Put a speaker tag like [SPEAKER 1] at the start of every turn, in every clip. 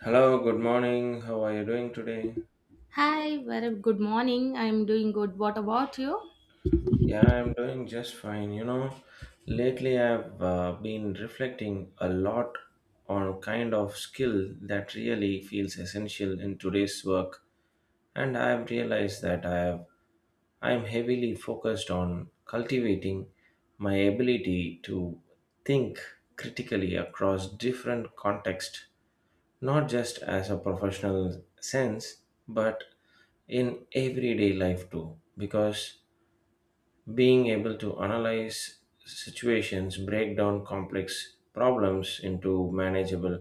[SPEAKER 1] Hello, good morning. How are you doing today?
[SPEAKER 2] Hi, very good morning. I'm doing good. What about you?
[SPEAKER 1] Yeah, I'm doing just fine. Lately I've been reflecting a lot on kind of skill that really feels essential in today's work, and I've realized that I'm heavily focused on cultivating my ability to think critically across different contexts, not just as a professional sense but in everyday life too, because being able to analyze situations, break down complex problems into manageable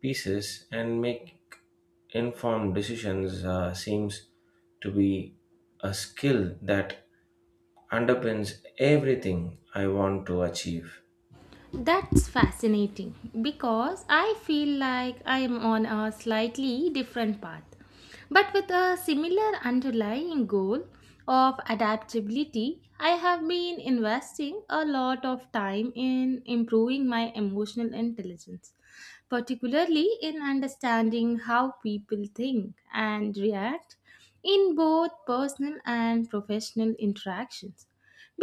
[SPEAKER 1] pieces and make informed decisions seems to be a skill that underpins everything I want to achieve.
[SPEAKER 2] That's fascinating because I feel like I'm on a slightly different path, but with a similar underlying goal of adaptability. I have been investing a lot of time in improving my emotional intelligence, particularly in understanding how people think and react in both personal and professional interactions.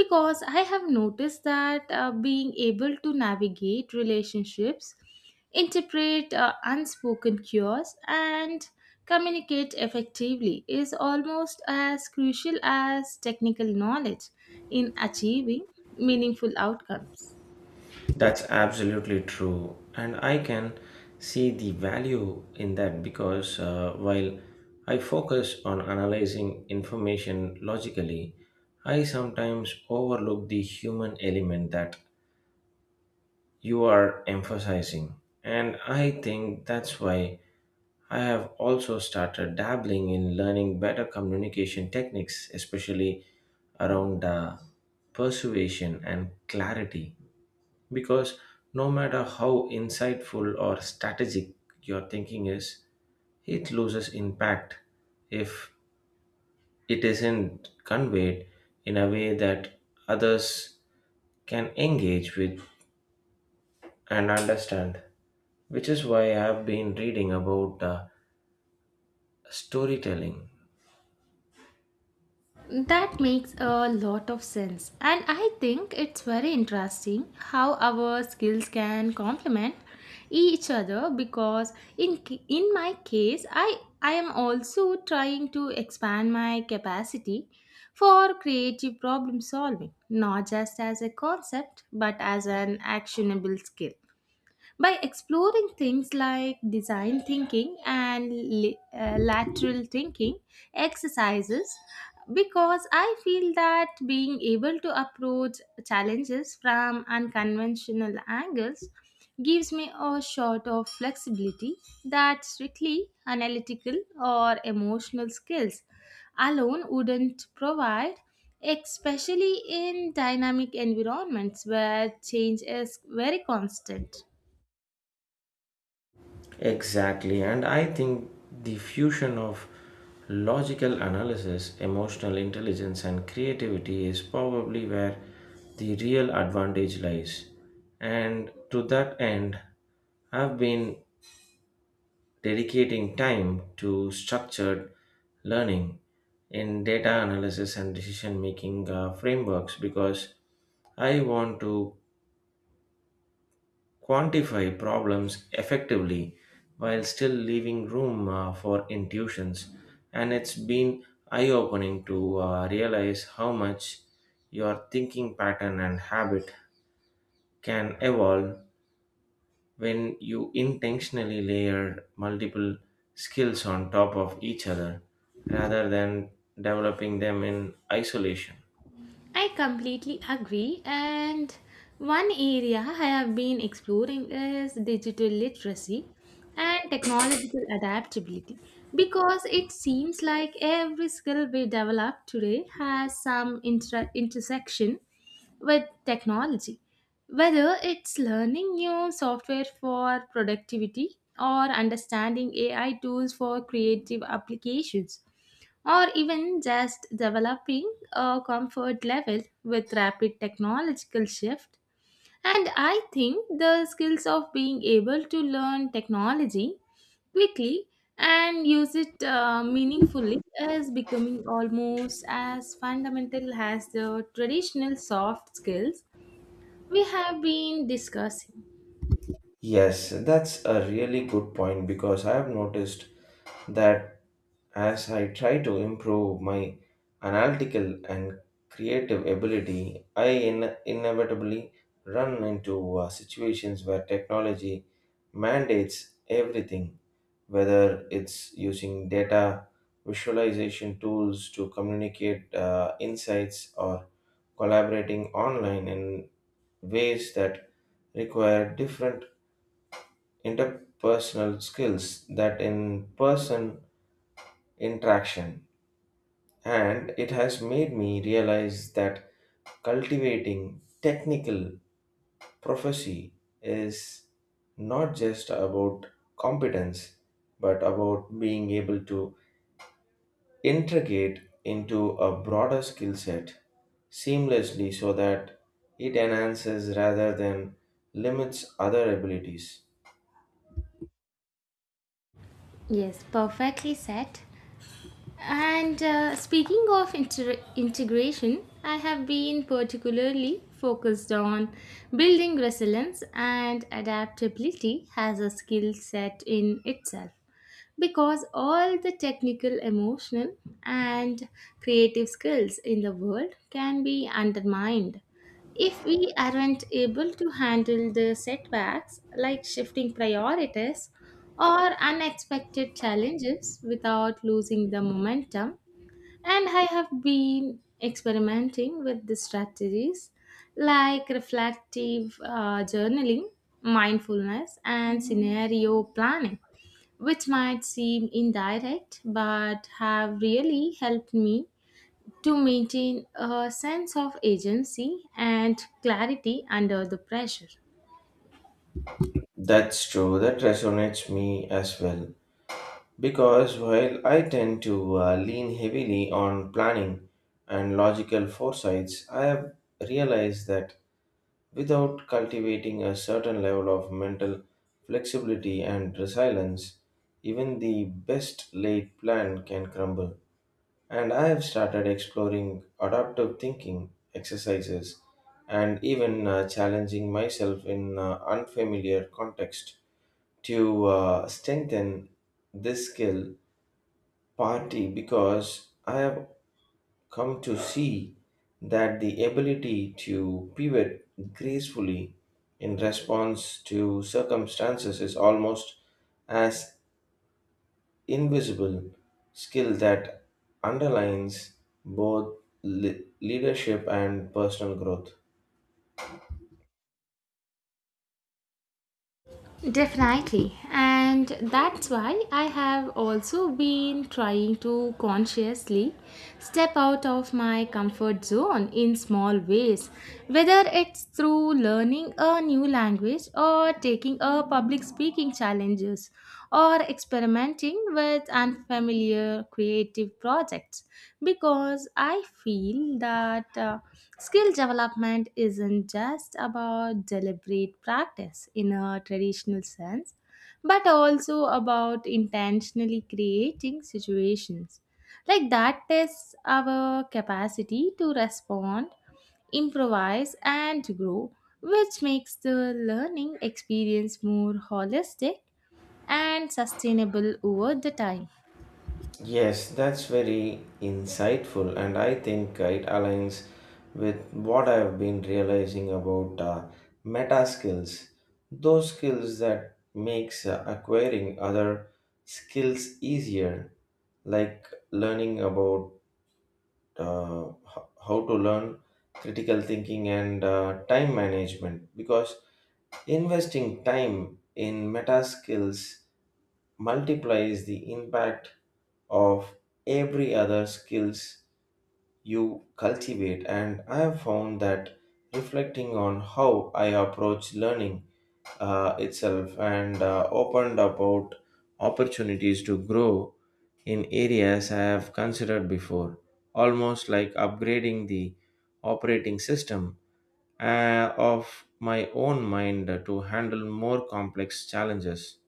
[SPEAKER 2] Because I have noticed that being able to navigate relationships, interpret unspoken cues, and communicate effectively is almost as crucial as technical knowledge in achieving meaningful outcomes.
[SPEAKER 1] That's absolutely true. And I can see the value in that because while I focus on analyzing information logically, I sometimes overlook the human element that you are emphasizing. And I think that's why I have also started dabbling in learning better communication techniques, especially around persuasion and clarity. Because no matter how insightful or strategic your thinking is, it loses impact if it isn't conveyed in a way that others can engage with and understand. Which is why I've been reading about storytelling.
[SPEAKER 2] That makes a lot of sense. And I think it's very interesting how our skills can complement each other because in my case, I am also trying to expand my capacity for creative problem solving, not just as a concept but as an actionable skill, by exploring things like design thinking and lateral thinking exercises, because I feel that being able to approach challenges from unconventional angles gives me a shot of flexibility that strictly analytical or emotional skills alone wouldn't provide, especially in dynamic environments where change is very constant.
[SPEAKER 1] Exactly, and I think the fusion of logical analysis, emotional intelligence, and creativity is probably where the real advantage lies. And to that end, I've been dedicating time to structured learning in data analysis and decision making frameworks because I want to quantify problems effectively while still leaving room for intuitions. And it's been eye opening to realize how much your thinking pattern and habit can evolve when you intentionally layer multiple skills on top of each other rather than developing them in isolation.
[SPEAKER 2] I completely agree. And one area I have been exploring is digital literacy and technological adaptability, because it seems like every skill we develop today has some intersection with technology, whether it's learning new software for productivity or understanding AI tools for creative applications, or even just developing a comfort level with rapid technological shift. And I think the skills of being able to learn technology quickly and use it meaningfully is becoming almost as fundamental as the traditional soft skills we have been discussing.
[SPEAKER 1] Yes, that's a really good point because I have noticed that as I try to improve my analytical and creative ability, inevitably run into situations where technology mandates everything, whether it's using data visualization tools to communicate insights or collaborating online in ways that require different interpersonal skills that in person interaction, and it has made me realize that cultivating technical proficiency is not just about competence but about being able to integrate into a broader skill set seamlessly so that it enhances rather than limits other abilities.
[SPEAKER 2] Yes, perfectly said. And speaking of integration, I have been particularly focused on building resilience and adaptability as a skill set in itself, because all the technical, emotional, and creative skills in the world can be undermined if we aren't able to handle the setbacks like shifting priorities or unexpected challenges without losing the momentum. And I have been experimenting with the strategies like reflective journaling, mindfulness, and scenario planning, which might seem indirect but have really helped me to maintain a sense of agency and clarity under the pressure.
[SPEAKER 1] That's true, that resonates me as well. Because while I tend to lean heavily on planning and logical foresights, I have realized that without cultivating a certain level of mental flexibility and resilience, even the best laid plan can crumble. And I have started exploring adaptive thinking exercises and even challenging myself in unfamiliar context to strengthen this skill, party because I have come to see that the ability to pivot gracefully in response to circumstances is almost as invisible skill that underlines both leadership and personal growth.
[SPEAKER 2] Definitely. And that's why I have also been trying to consciously step out of my comfort zone in small ways, whether it's through learning a new language or taking a public speaking challenges or experimenting with unfamiliar creative projects, because I feel that skill development isn't just about deliberate practice in a traditional sense, but also about intentionally creating situations like that tests our capacity to respond, improvise, and grow, which makes the learning experience more holistic and sustainable over the time.
[SPEAKER 1] Yes, that's very insightful, and I think it aligns with what I've been realizing about meta skills, those skills that makes acquiring other skills easier, like learning about how to learn, critical thinking and time management. Because investing time in meta skills multiplies the impact of every other skills you cultivate, and I have found that reflecting on how I approach learning itself and opened about opportunities to grow in areas I have considered before, almost like upgrading the operating system of my own mind to handle more complex challenges.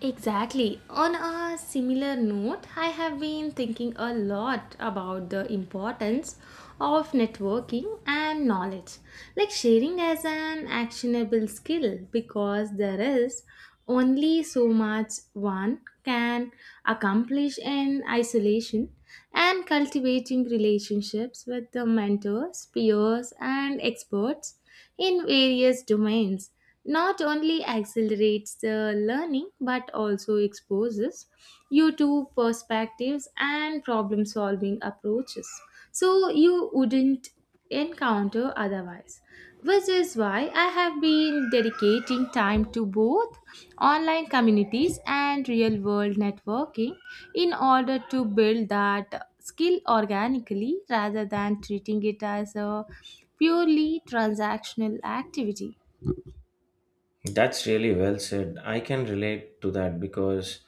[SPEAKER 2] Exactly. On a similar note, I have been thinking a lot about the importance of networking and knowledge, like sharing as an actionable skill, because there is only so much one can accomplish in isolation, and cultivating relationships with the mentors, peers, and experts in various domains not only accelerates the learning but also exposes you to perspectives and problem solving approaches so you wouldn't encounter otherwise, which is why I have been dedicating time to both online communities and real world networking in order to build that skill organically rather than treating it as a purely transactional activity.
[SPEAKER 1] That's really well said. I can relate to that because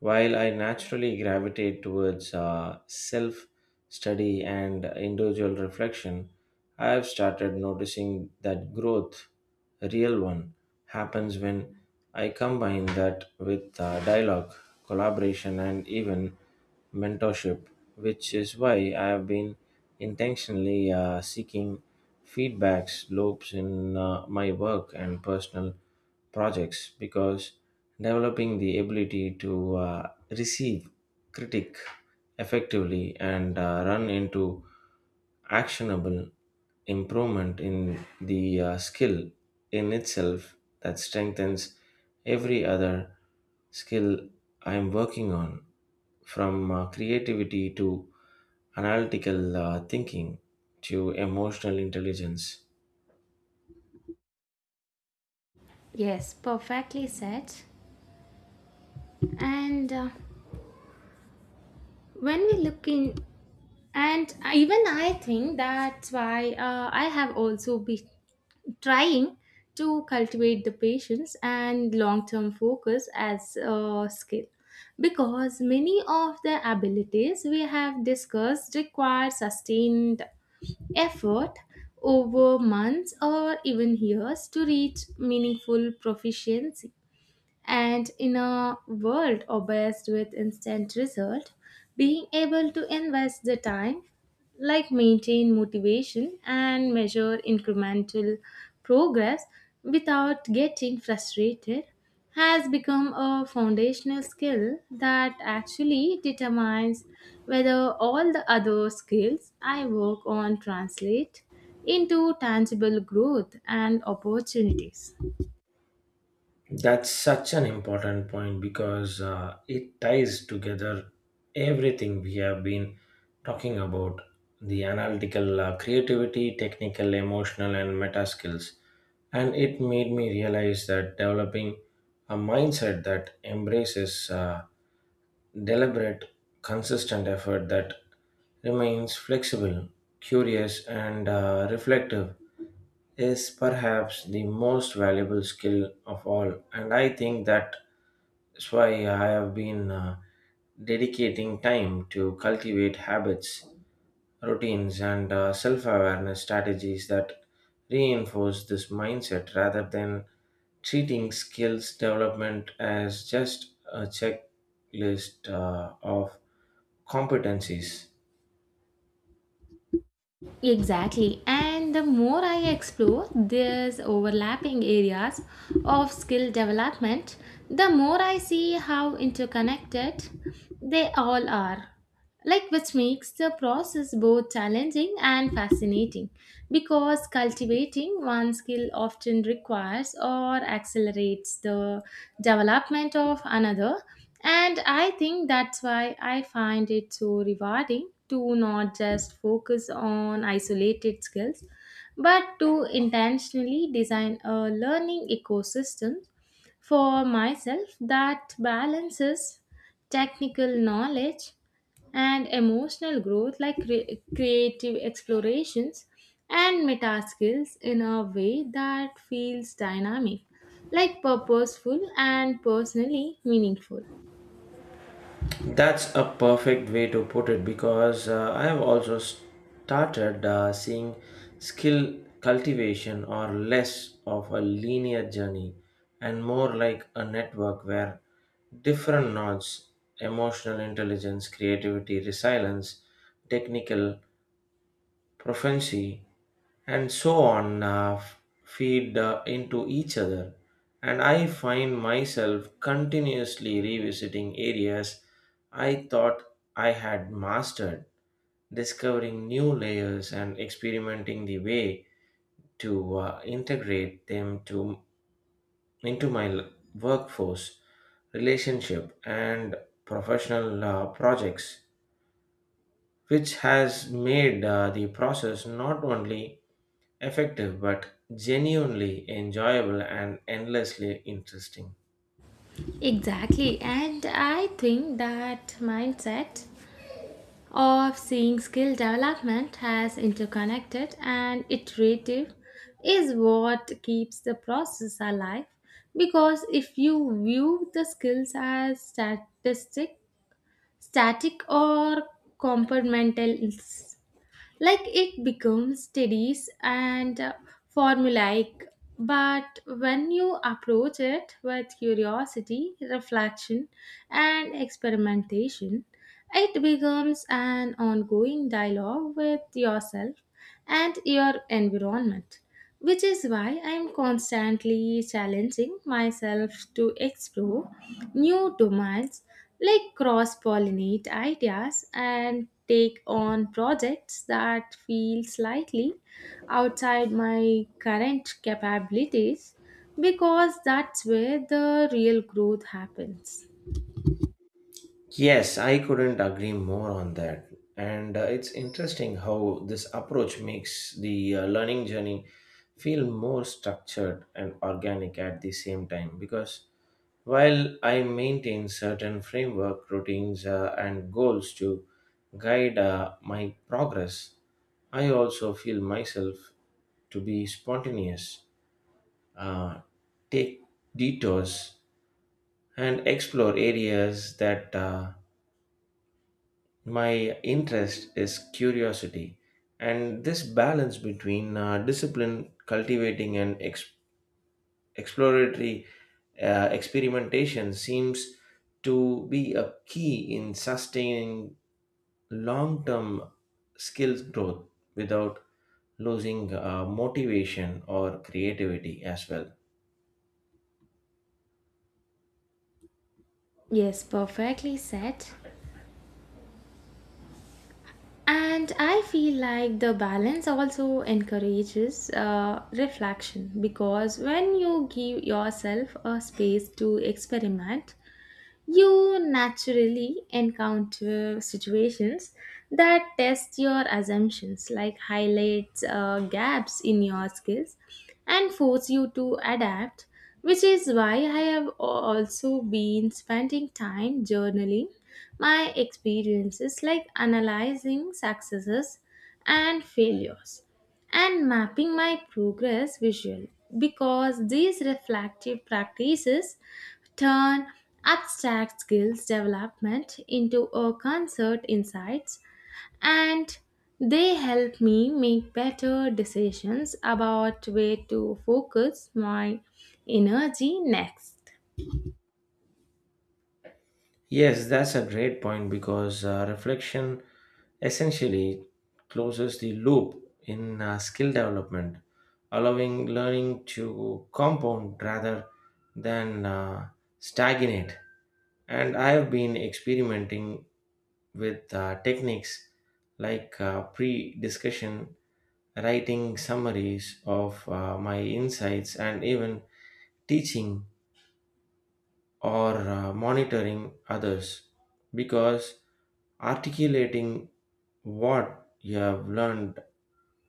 [SPEAKER 1] while I naturally gravitate towards self study and individual reflection, I have started noticing that growth, a real one, happens when I combine that with dialogue, collaboration, and even mentorship, which is why I have been intentionally seeking feedbacks loops in my work and personal projects because developing the ability to receive critique effectively and run into actionable improvement in the skill in itself that strengthens every other skill I am working on, from creativity to analytical thinking to emotional intelligence.
[SPEAKER 2] Yes, perfectly said. And when we look in, and even I think that's why I have also been trying to cultivate the patience and long term focus as a skill, because many of the abilities we have discussed require sustained effort over months or even years to reach meaningful proficiency. And in a world obsessed with instant result, being able to invest the time, like maintain motivation and measure incremental progress without getting frustrated, has become a foundational skill that actually determines whether all the other skills I work on translate into tangible growth and opportunities.
[SPEAKER 1] That's such an important point because it ties together everything we have been talking about, the analytical creativity, technical, emotional, and meta skills. And it made me realize that developing a mindset that embraces deliberate, consistent effort that remains flexible, curious, and reflective is perhaps the most valuable skill of all. And I think that's why I have been dedicating time to cultivate habits, routines, and self awareness strategies that reinforce this mindset rather than treating skills development as just a checklist of competencies.
[SPEAKER 2] Exactly. And the more I explore these overlapping areas of skill development, the more I see how interconnected they all are, like which makes the process both challenging and fascinating, because cultivating one skill often requires or accelerates the development of another. And I think that's why I find it so rewarding to not just focus on isolated skills but to intentionally design a learning ecosystem for myself, that balances technical knowledge and emotional growth, like creative explorations and meta skills, in a way that feels dynamic, like purposeful and personally meaningful.
[SPEAKER 1] That's a perfect way to put it because I have also started seeing skill cultivation or less of a linear journey and more like a network where different nodes, emotional intelligence, creativity, resilience, technical prophecy, and so on feed into each other. And I find myself continuously revisiting areas I thought I had mastered, discovering new layers and experimenting the way to integrate them into my workforce, relationship, and professional projects, which has made the process not only effective but genuinely enjoyable and endlessly interesting.
[SPEAKER 2] Exactly, and I think that mindset of seeing skill development as interconnected and iterative is what keeps the process alive, because if you view the skills as statistic static or compartmental, like it becomes tedious and formulaic, but when you approach it with curiosity, reflection, and experimentation, it becomes an ongoing dialogue with yourself and your environment, which is why I am constantly challenging myself to explore new domains, like cross pollinate ideas and take on projects that feel slightly outside my current capabilities, because that's where the real growth happens.
[SPEAKER 1] Yes, I couldn't agree more on that. And it's interesting how this approach makes the learning journey feel more structured and organic at the same time, because while I maintain certain framework, routines, and goals to guide my progress, I also feel myself to be spontaneous, uh, take detours, and explore areas that my interest is curiosity. And this balance between discipline, cultivating, and exploratory experimentation seems to be a key in sustaining long term skills growth without losing motivation or creativity as well.
[SPEAKER 2] Yes, perfectly said. And I feel like the balance also encourages reflection, because when you give yourself a space to experiment, you naturally encounter situations that test your assumptions, like highlights gaps in your skills and force you to adapt, which is why I have also been spending time journaling my experiences, like analyzing successes and failures and mapping my progress visually, because these reflective practices turn abstract skills development into a concert insights, and they help me make better decisions about where to focus my energy next.
[SPEAKER 1] Yes, that's a great point because reflection essentially closes the loop in skill development, allowing learning to compound rather than stagnate. And I have been experimenting with techniques like pre discussion, writing summaries of my insights, and even teaching or monitoring others because articulating what you have learned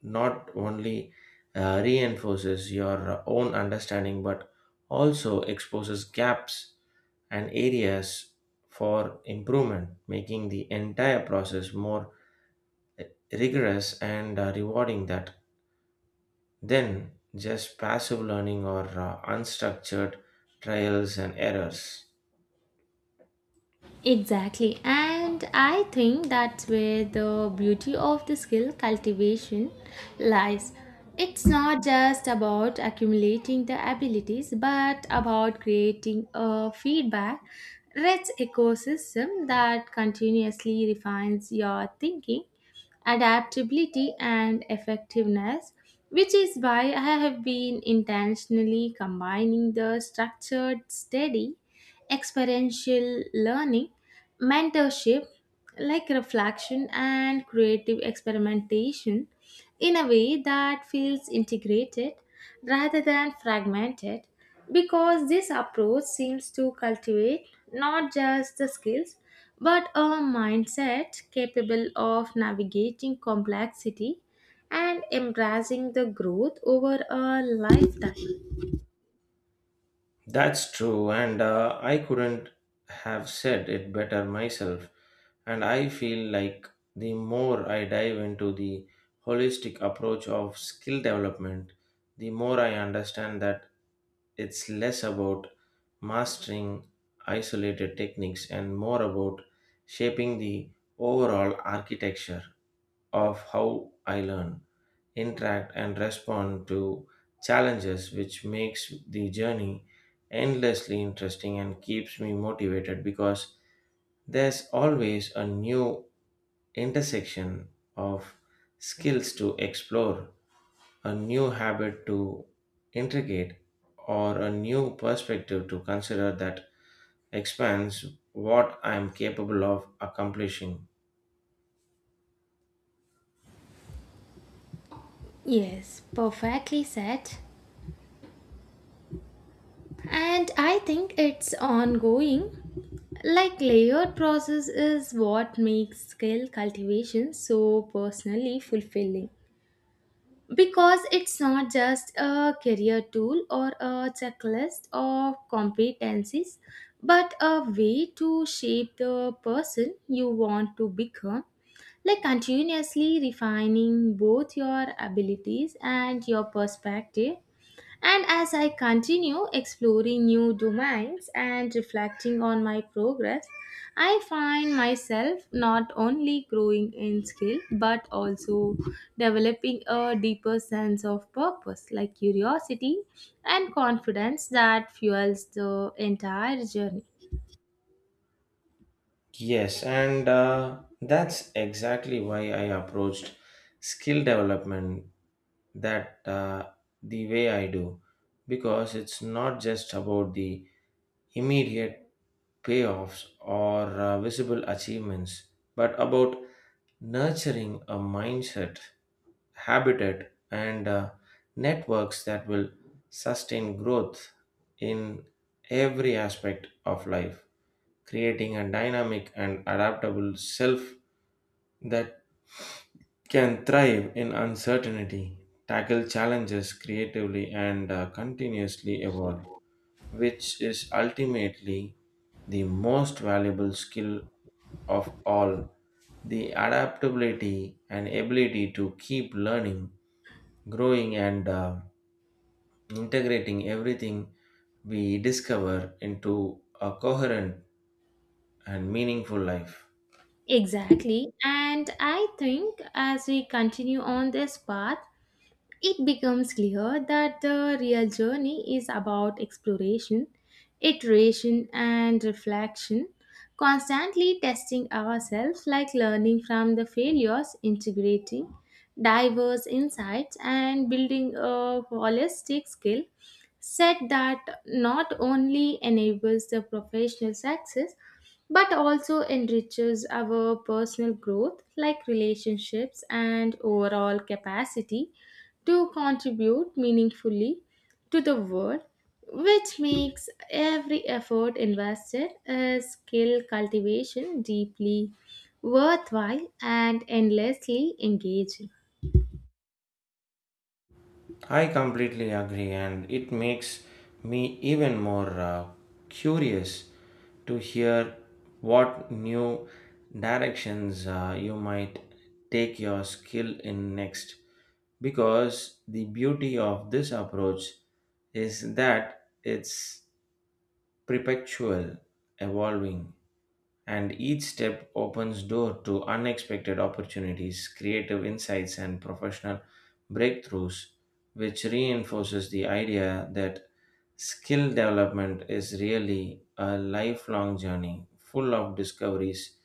[SPEAKER 1] not only reinforces your own understanding but also exposes gaps and areas for improvement, making the entire process more uh, rigorous and rewarding that then just passive learning or unstructured trials and errors.
[SPEAKER 2] Exactly, and I think that's where the beauty of the skill cultivation lies. It's not just about accumulating the abilities, but about creating a feedback rich ecosystem that continuously refines your thinking, adaptability, and effectiveness, which is why I have been intentionally combining the structured, steady, experiential learning, mentorship, like reflection and creative experimentation in a way that feels integrated rather than fragmented, because this approach seems to cultivate not just the skills but a mindset capable of navigating complexity and embracing the growth over a lifetime.
[SPEAKER 1] That's true, and I couldn't have said it better myself. And I feel like the more I dive into the holistic approach of skill development, the more I understand that it's less about mastering isolated techniques and more about shaping the overall architecture of how I learn, interact, and respond to challenges, which makes the journey endlessly interesting and keeps me motivated because there's always a new intersection of skills to explore, a new habit to integrate, or a new perspective to consider that expands what I'm capable of accomplishing.
[SPEAKER 2] Yes, perfectly said. And I think it's ongoing. Like layered process is what makes skill cultivation so personally fulfilling, because it's not just a career tool or a checklist of competencies but a way to shape the person you want to become, like continuously refining both your abilities and your perspective. And as I continue exploring new domains and reflecting on my progress, I find myself not only growing in skill but also developing a deeper sense of purpose, like curiosity and confidence that fuels the entire journey.
[SPEAKER 1] Yes, and that's exactly why I approached skill development that the way I do, because it's not just about the immediate payoffs or visible achievements, but about nurturing a mindset, habitat, and networks that will sustain growth in every aspect of life, creating a dynamic and adaptable self that can thrive in uncertainty, tackle challenges creatively, and continuously evolve, which is ultimately the most valuable skill of all. The adaptability and ability to keep learning, growing, and integrating everything we discover into a coherent and meaningful life.
[SPEAKER 2] Exactly. And I think as we continue on this path, it becomes clear that the real journey is about exploration, iteration, and reflection, constantly testing ourselves, like learning from the failures, integrating diverse insights, and building a holistic skill said that not only enables the professional success but also enriches our personal growth, like relationships and overall capacity to contribute meaningfully to the world, which makes every effort invested as skill cultivation deeply worthwhile and endlessly engaging.
[SPEAKER 1] I completely agree, and it makes me even more curious to hear what new directions you might take your skill in next. Because the beauty of this approach is that it's perpetual, evolving, and each step opens door to unexpected opportunities, creative insights and professional breakthroughs, which reinforces the idea that skill development is really a lifelong journey full of discoveries,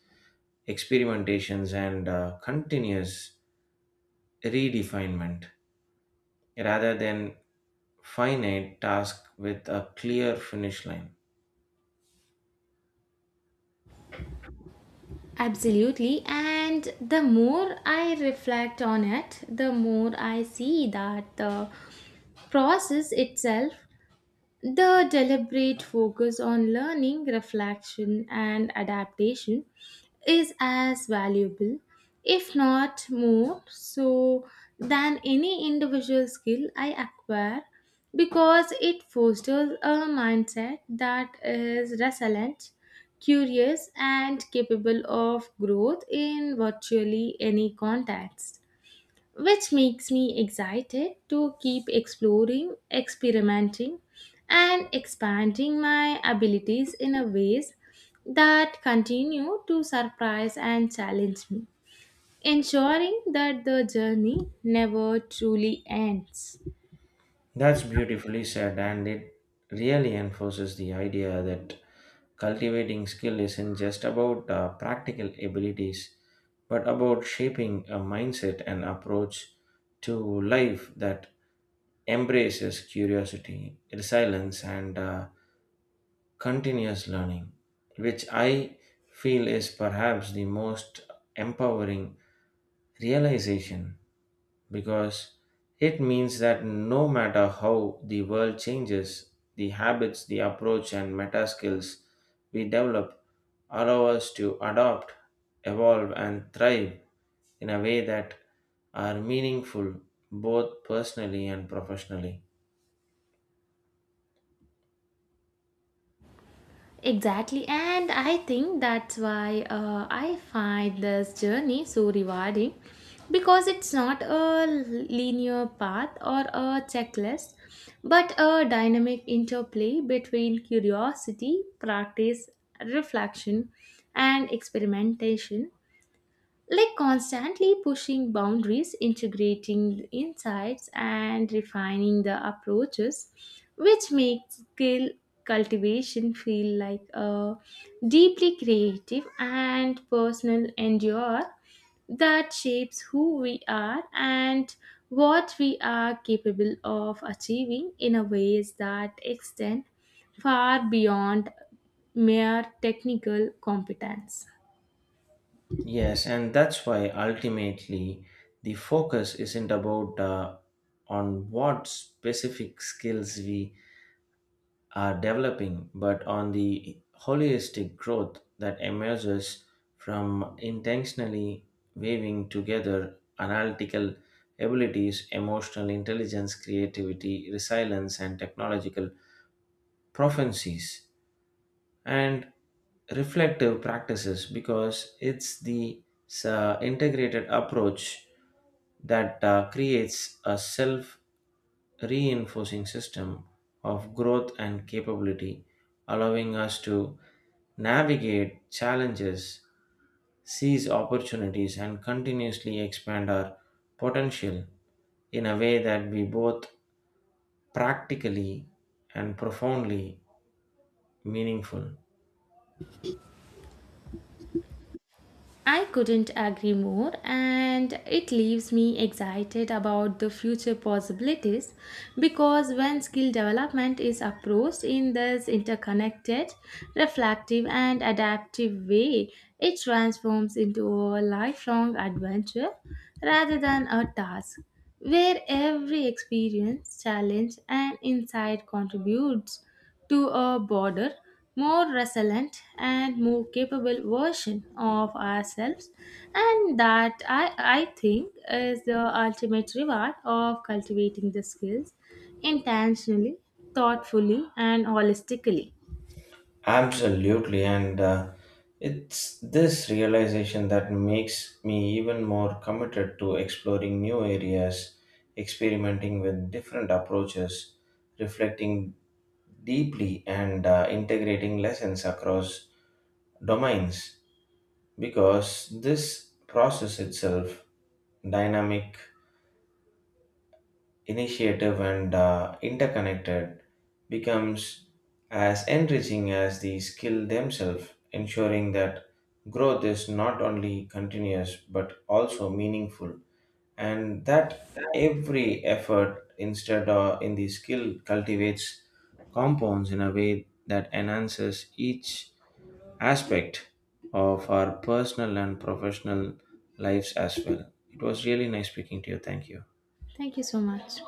[SPEAKER 1] experimentations and continuous redefinement rather than finite task with a clear finish line.
[SPEAKER 2] Absolutely. And the more I reflect on it, the more I see that the process itself, the deliberate focus on learning, reflection, and adaptation, is as valuable, if not more, so than any individual skill I acquire, because it fosters a mindset that is resilient, curious, and capable of growth in virtually any context, which makes me excited to keep exploring, experimenting, and expanding my abilities in a ways that continue to surprise and challenge me, ensuring that the journey never truly ends.
[SPEAKER 1] That's beautifully said, and it really enforces the idea that cultivating skill isn't just about practical abilities, but about shaping a mindset and approach to life that embraces curiosity, resilience, and continuous learning, which I feel is perhaps the most empowering realization because it means that no matter how the world changes, the habits, the approach, and meta skills we develop allow us to adopt, evolve, and thrive in a way that are meaningful both personally and professionally.
[SPEAKER 2] Exactly, and I think that's why I find this journey so rewarding, because it's not a linear path or a checklist, but a dynamic interplay between curiosity, practice, reflection, and experimentation, like constantly pushing boundaries, integrating insights, and refining the approaches, which makes skill cultivation feel like a deeply creative and personal endeavor that shapes who we are and what we are capable of achieving in a ways that extend far beyond mere technical competence.
[SPEAKER 1] Yes, and that's why ultimately the focus isn't about on what specific skills we are developing, but on the holistic growth that emerges from intentionally weaving together analytical abilities, emotional intelligence, creativity, resilience, and technological proficiencies, and reflective practices because it's the integrated approach that creates a self reinforcing system of growth and capability, allowing us to navigate challenges, seize opportunities, and continuously expand our potential in a way that be both practically and profoundly meaningful.
[SPEAKER 2] I couldn't agree more, and it leaves me excited about the future possibilities, because when skill development is approached in this interconnected, reflective, and adaptive way, it transforms into a lifelong adventure rather than a task, where every experience, challenge, and insight contributes to a broader, more resilient, and more capable version of ourselves. And that I think is the ultimate reward of cultivating the skills intentionally, thoughtfully, and holistically.
[SPEAKER 1] Absolutely, and it's this realization that makes me even more committed to exploring new areas, experimenting with different approaches, reflecting deeply, and integrating lessons across domains, because this process itself, dynamic, initiative and interconnected, becomes as enriching as the skill themselves, ensuring that growth is not only continuous but also meaningful and that every effort instead in the skill cultivates compounds in a way that enhances each aspect of our personal and professional lives as well. It was really nice speaking to you. Thank you.
[SPEAKER 2] Thank you so much.